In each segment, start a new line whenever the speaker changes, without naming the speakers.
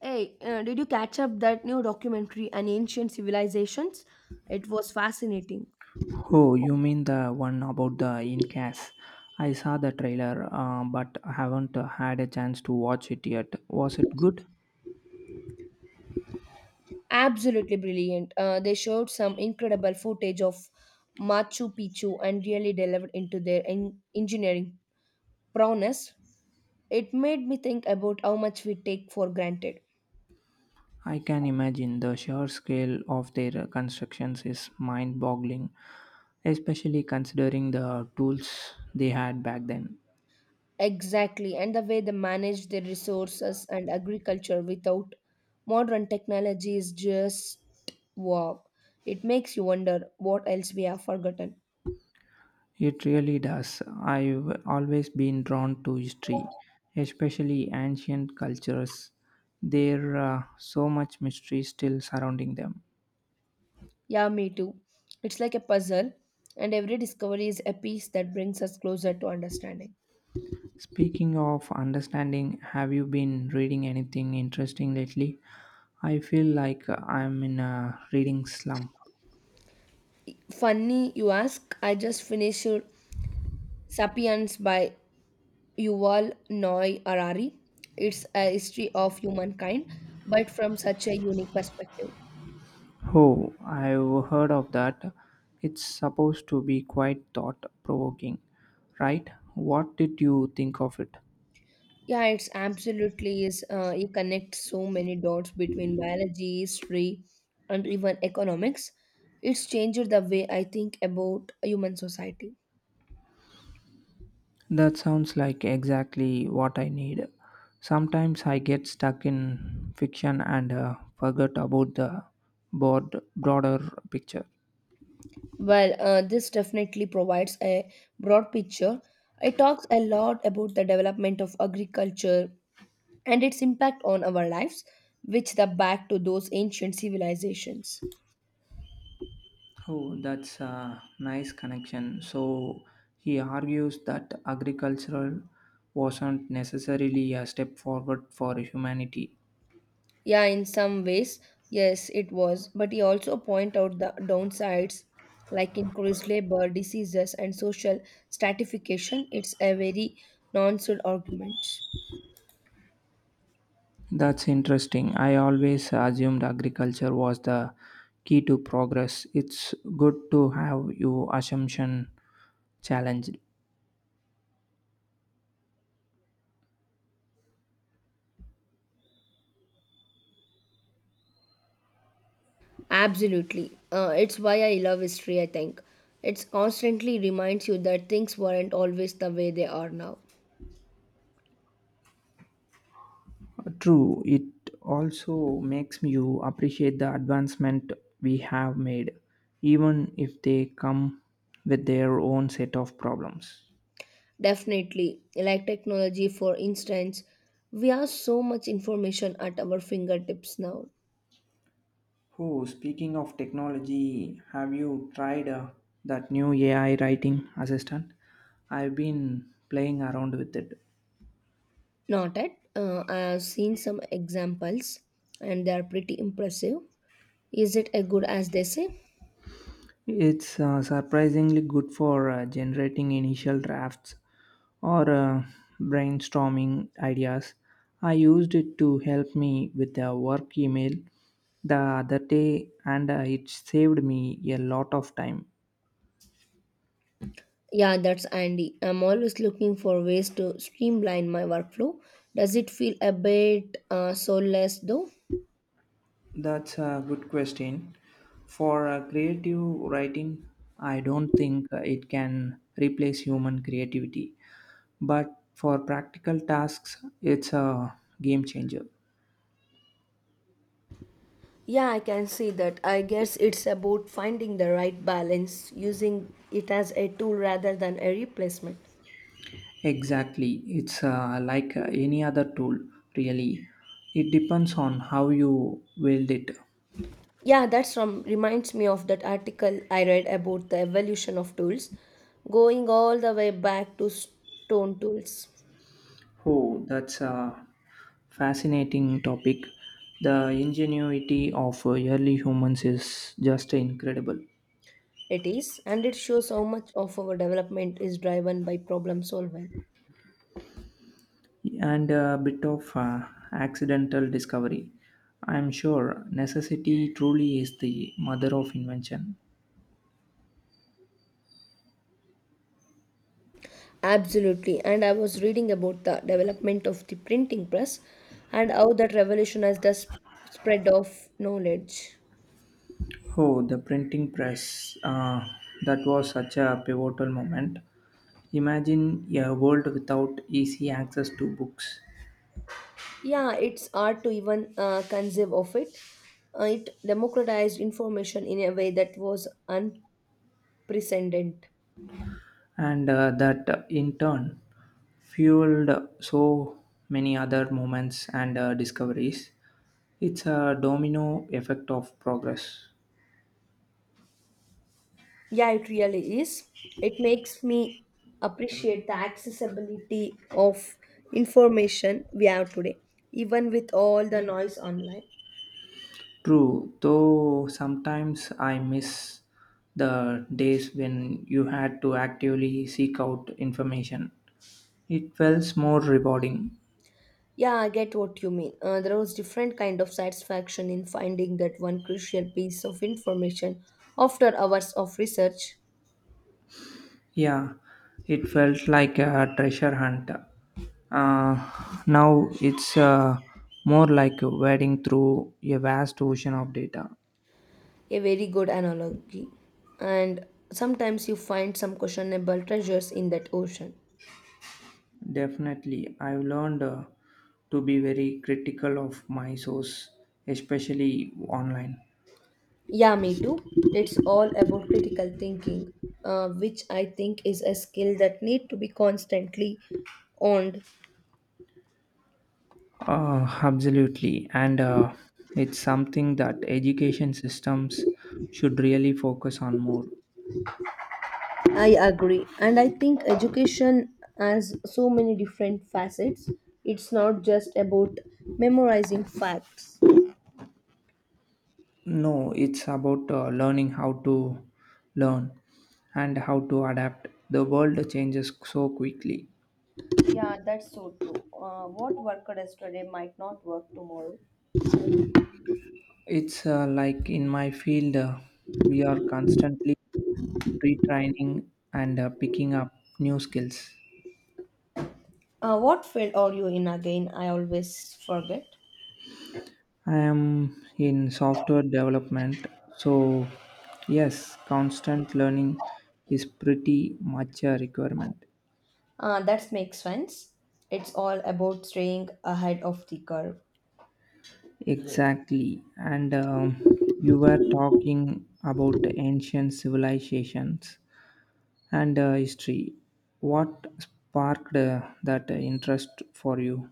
Hey, did you catch up that new documentary on ancient civilizations? It was fascinating.
Oh, you mean the one about the Incas? I saw the trailer, but I haven't had a chance to watch it yet. Was it good?
Absolutely brilliant. They showed some incredible footage of Machu Picchu and really delved into their engineering prowess. It made me think about how much we take for granted.
I can imagine the sheer scale of their constructions is mind boggling, especially considering the tools they had back then.
Exactly, and the way they manage their resources and agriculture without modern technology is just wow. It makes you wonder what else we have forgotten.
It really does. I've always been drawn to history, especially ancient cultures. There are so much mystery still surrounding them.
Yeah, me too. It's like a puzzle, and every discovery is a piece that brings us closer to understanding.
Speaking of understanding, have you been reading anything interesting lately? I feel like I'm in a reading slump.
Funny, you ask. I just finished *Sapiens* by Yuval Noah Harari. It's a history of humankind, but from such a unique perspective.
Oh, I've heard of that. It's supposed to be quite thought provoking, right? What did you think of it?
Yeah, it's absolutely is. You connect so many dots between biology, history, and even economics. It's changed the way I think about human society.
That sounds like exactly what I need. Sometimes I get stuck in fiction and forget about the broader picture.
Well, this definitely provides a broad picture. It talks a lot about the development of agriculture and its impact on our lives, which the back to those ancient civilizations.
Oh, that's a nice connection. So he argues that agricultural wasn't necessarily a step forward for humanity.
Yeah, in some ways, yes, it was. But he also point out the downsides like increased labor, diseases, and social stratification. It's a very nonsense argument.
That's interesting. I always assumed agriculture was the key to progress. It's good to have your assumption challenged.
Absolutely. It's why I love history, I think. It constantly reminds you that things weren't always the way they are now.
True, it also makes you appreciate the advancement we have made, even if they come with their own set of problems.
Definitely. Like technology, for instance, we have so much information at our fingertips now.
Oh, speaking of technology, have you tried that new AI writing assistant? I've been playing around with it.
Not at. I have seen some examples and they are pretty impressive. Is it as good as they say?
It's surprisingly good for generating initial drafts or brainstorming ideas. I used it to help me with the work email the other day and it saved me a lot of time.
Yeah, that's Andy. I'm always looking for ways to streamline my workflow. Does it feel a bit soulless though?
That's a good question. For creative writing, I don't think it can replace human creativity. But for practical tasks, it's a game changer.
Yeah, I can see that. I guess it's about finding the right balance, using it as a tool rather than a replacement.
Exactly. It's like any other tool, really. It depends on how you wield it.
Yeah, that's from reminds me of that article I read about the evolution of tools, going all the way back to stone tools.
Oh, that's a fascinating topic. The ingenuity of early humans is just incredible.
It is, and it shows how much of our development is driven by problem solving.
And a bit of accidental discovery. I'm sure necessity truly is the mother of invention.
Absolutely, and I was reading about the development of the printing press and how that revolution has the spread of knowledge.
Oh, the printing press. That was such a pivotal moment. Imagine a world without easy access to books,
Yeah, it's hard to even conceive of it. It democratized information in a way that was unprecedented.
and that in turn fueled so many other moments and discoveries. It's a domino effect of progress.
Yeah, it really is. It makes me appreciate the accessibility of information we have today, even with all the noise online.
True, though sometimes I miss the days when you had to actively seek out information. It felt more rewarding.
Yeah, I get what you mean. There was different kind of satisfaction in finding that one crucial piece of information after hours of research.
Yeah, it felt like a treasure hunt. Uh, Now it's more like wading through a vast ocean of data.
A very good analogy. And sometimes you find some questionable treasures in that ocean.
Definitely, I've learned to be very critical of my source, especially online.
Yeah, me too. It's all about critical thinking, which I think is a skill that need to be constantly owned.
Absolutely, and it's something that education systems should really focus on more.
I agree, and I think education has so many different facets. It's not just about memorizing facts.
No, it's about learning how to learn and how to adapt. The world changes so quickly.
Yeah, that's so true. What worked yesterday might not work tomorrow.
It's like in my field, we are constantly retraining and picking up new skills.
What field are you in again? I always forget.
I am in software development, so yes, constant learning is pretty much a requirement.
That makes sense. It's all about staying ahead of the curve.
Exactly. And you were talking about the ancient civilizations and history. What sparked that interest for you?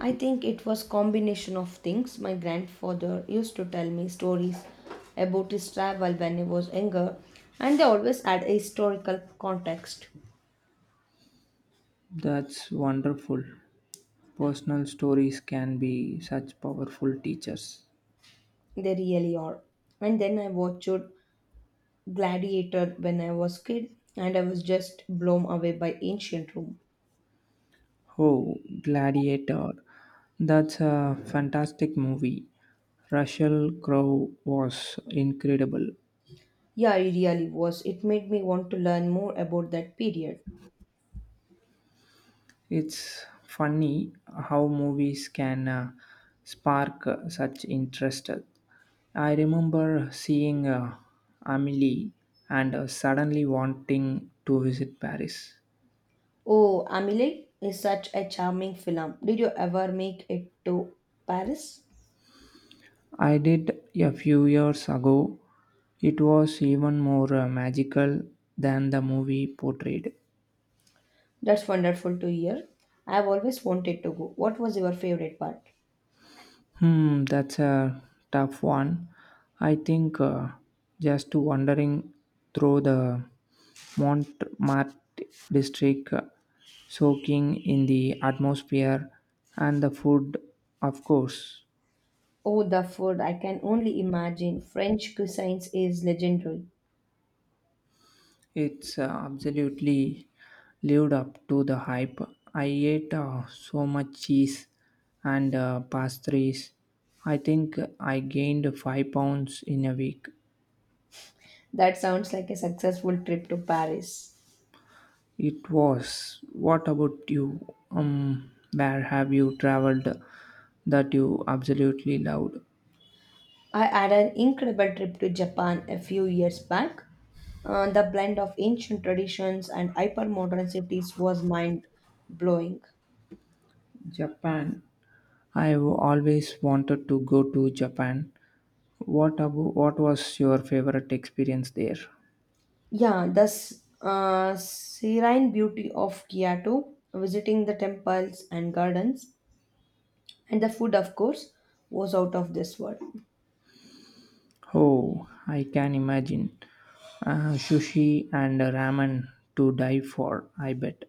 I think it was combination of things. My grandfather used to tell me stories about his travel when he was younger, and they always had a historical context.
That's wonderful. Personal stories can be such powerful teachers.
They really are. And then I watched Gladiator when I was kid, and I was just blown away by ancient Rome.
Oh, Gladiator. That's a fantastic movie. Russell Crowe was incredible.
Yeah, it really was. It made me want to learn more about that period.
It's funny how movies can spark such interest. I remember seeing Amelie and suddenly wanting to visit Paris.
Oh, Amelie is such a charming film. Did you ever make it to Paris?
I did a few years ago. It was even more magical than the movie portrayed.
That's wonderful to hear. I've always wanted to go. What was your favorite part?
That's a tough one. I think just to wandering through the Montmartre district, soaking in the atmosphere and the food, of course.
Oh, the food. I can only imagine. French cuisine is legendary.
It's absolutely lived up to the hype. I ate so much cheese and pastries. I think I gained 5 pounds in a week.
That sounds like a successful trip to Paris.
It was. What about you? Where have you traveled that you absolutely loved?
I had an incredible trip to Japan a few years back. The blend of ancient traditions and hypermodern cities was mind blowing.
Japan. I've always wanted to go to Japan. What about, what was your favorite experience there?
Yeah, the serene beauty of Kyoto, visiting the temples and gardens, and the food, of course, was out of this world.
Oh, I can imagine. Sushi and ramen to die for, I bet.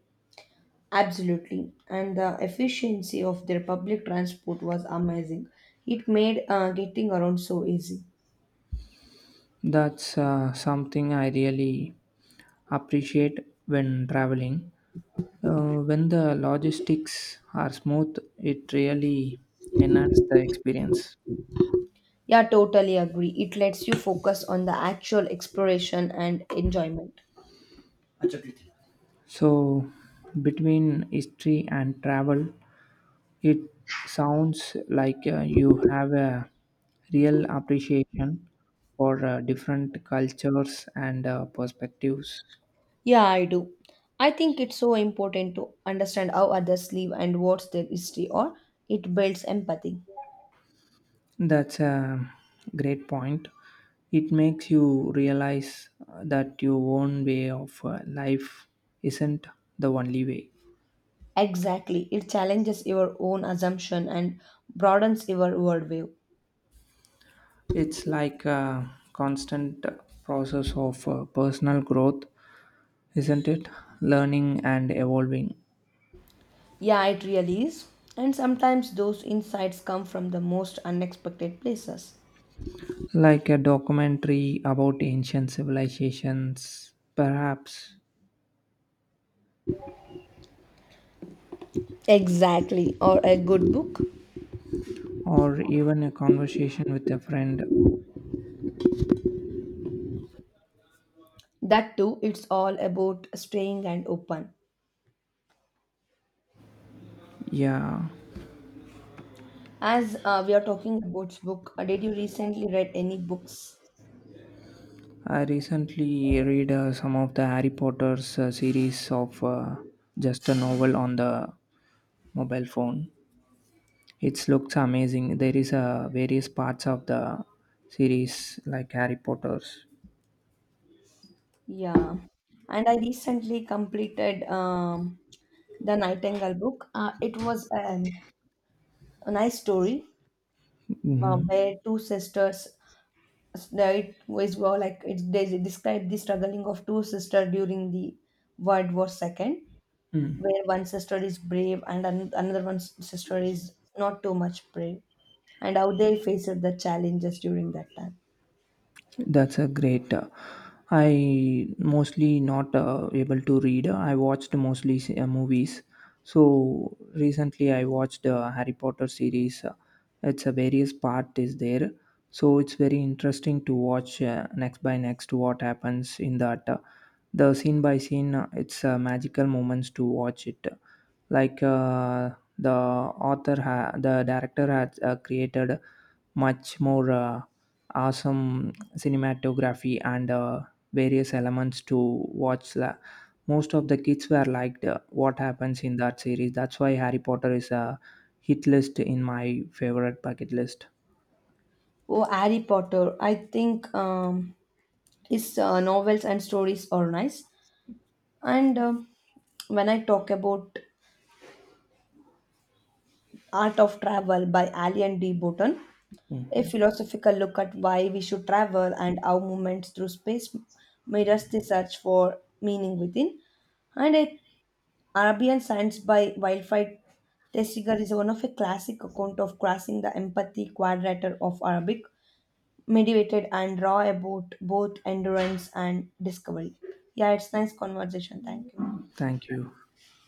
Absolutely. And the efficiency of their public transport was amazing. It made getting around so easy.
That's something I really appreciate when traveling. When the logistics are smooth, it really enhances the experience.
Yeah, totally agree. It lets you focus on the actual exploration and enjoyment.
So, between history and travel, it sounds like you have a real appreciation for different cultures and perspectives.
Yeah, I do. I think it's so important to understand how others live and what's their history, or it builds empathy.
That's a great point. It makes you realize that your own way of life isn't the only way.
Exactly. It challenges your own assumption and broadens your worldview.
It's like a constant process of personal growth, isn't it? Learning and evolving.
Yeah, it really is. And sometimes those insights come from the most unexpected places.
Like a documentary about ancient civilizations, perhaps,
Exactly. Or a good book.
or even a conversation with a friend.
That too, it's all about staying and open.
Yeah,
As we are talking about book, did you recently read any books?
I recently read some of the Harry Potter's series of just a novel on the mobile phone. It looks amazing. There is a various parts of the series like Harry Potter's.
Yeah, and I recently completed the Nightingale book. It was a nice story
Mhm.
where two sisters. That It was well, like it they describe the struggling of two sisters during the World War Second,
Mm.
where one sister is brave and another one sister is not too much brave, and how they faced the challenges during that time.
That's a great. I mostly not able to read. I watched mostly movies. So recently I watched Harry Potter series. It's a various part is there. So it's very interesting to watch next by next what happens in that. The scene by scene. It's magical moments to watch it. Like the the director has created much more awesome cinematography and various elements to watch most of the kids were liked what happens in that series, that's why Harry Potter is a hit list in my favorite bucket list.
Oh, Harry Potter. I think his novels and stories are nice. And when I talk about Art of Travel by Ali and D. Burton, a
Mhm.
philosophical look at why we should travel and how movements through space mirrors the search for meaning within. And a Arabian Science by Wildfire Tesiger is one of a classic account of crossing the empathy quadrature of Arabic meditated and raw about both endurance and discovery. Yeah, it's nice conversation. Thank you.
Thank you.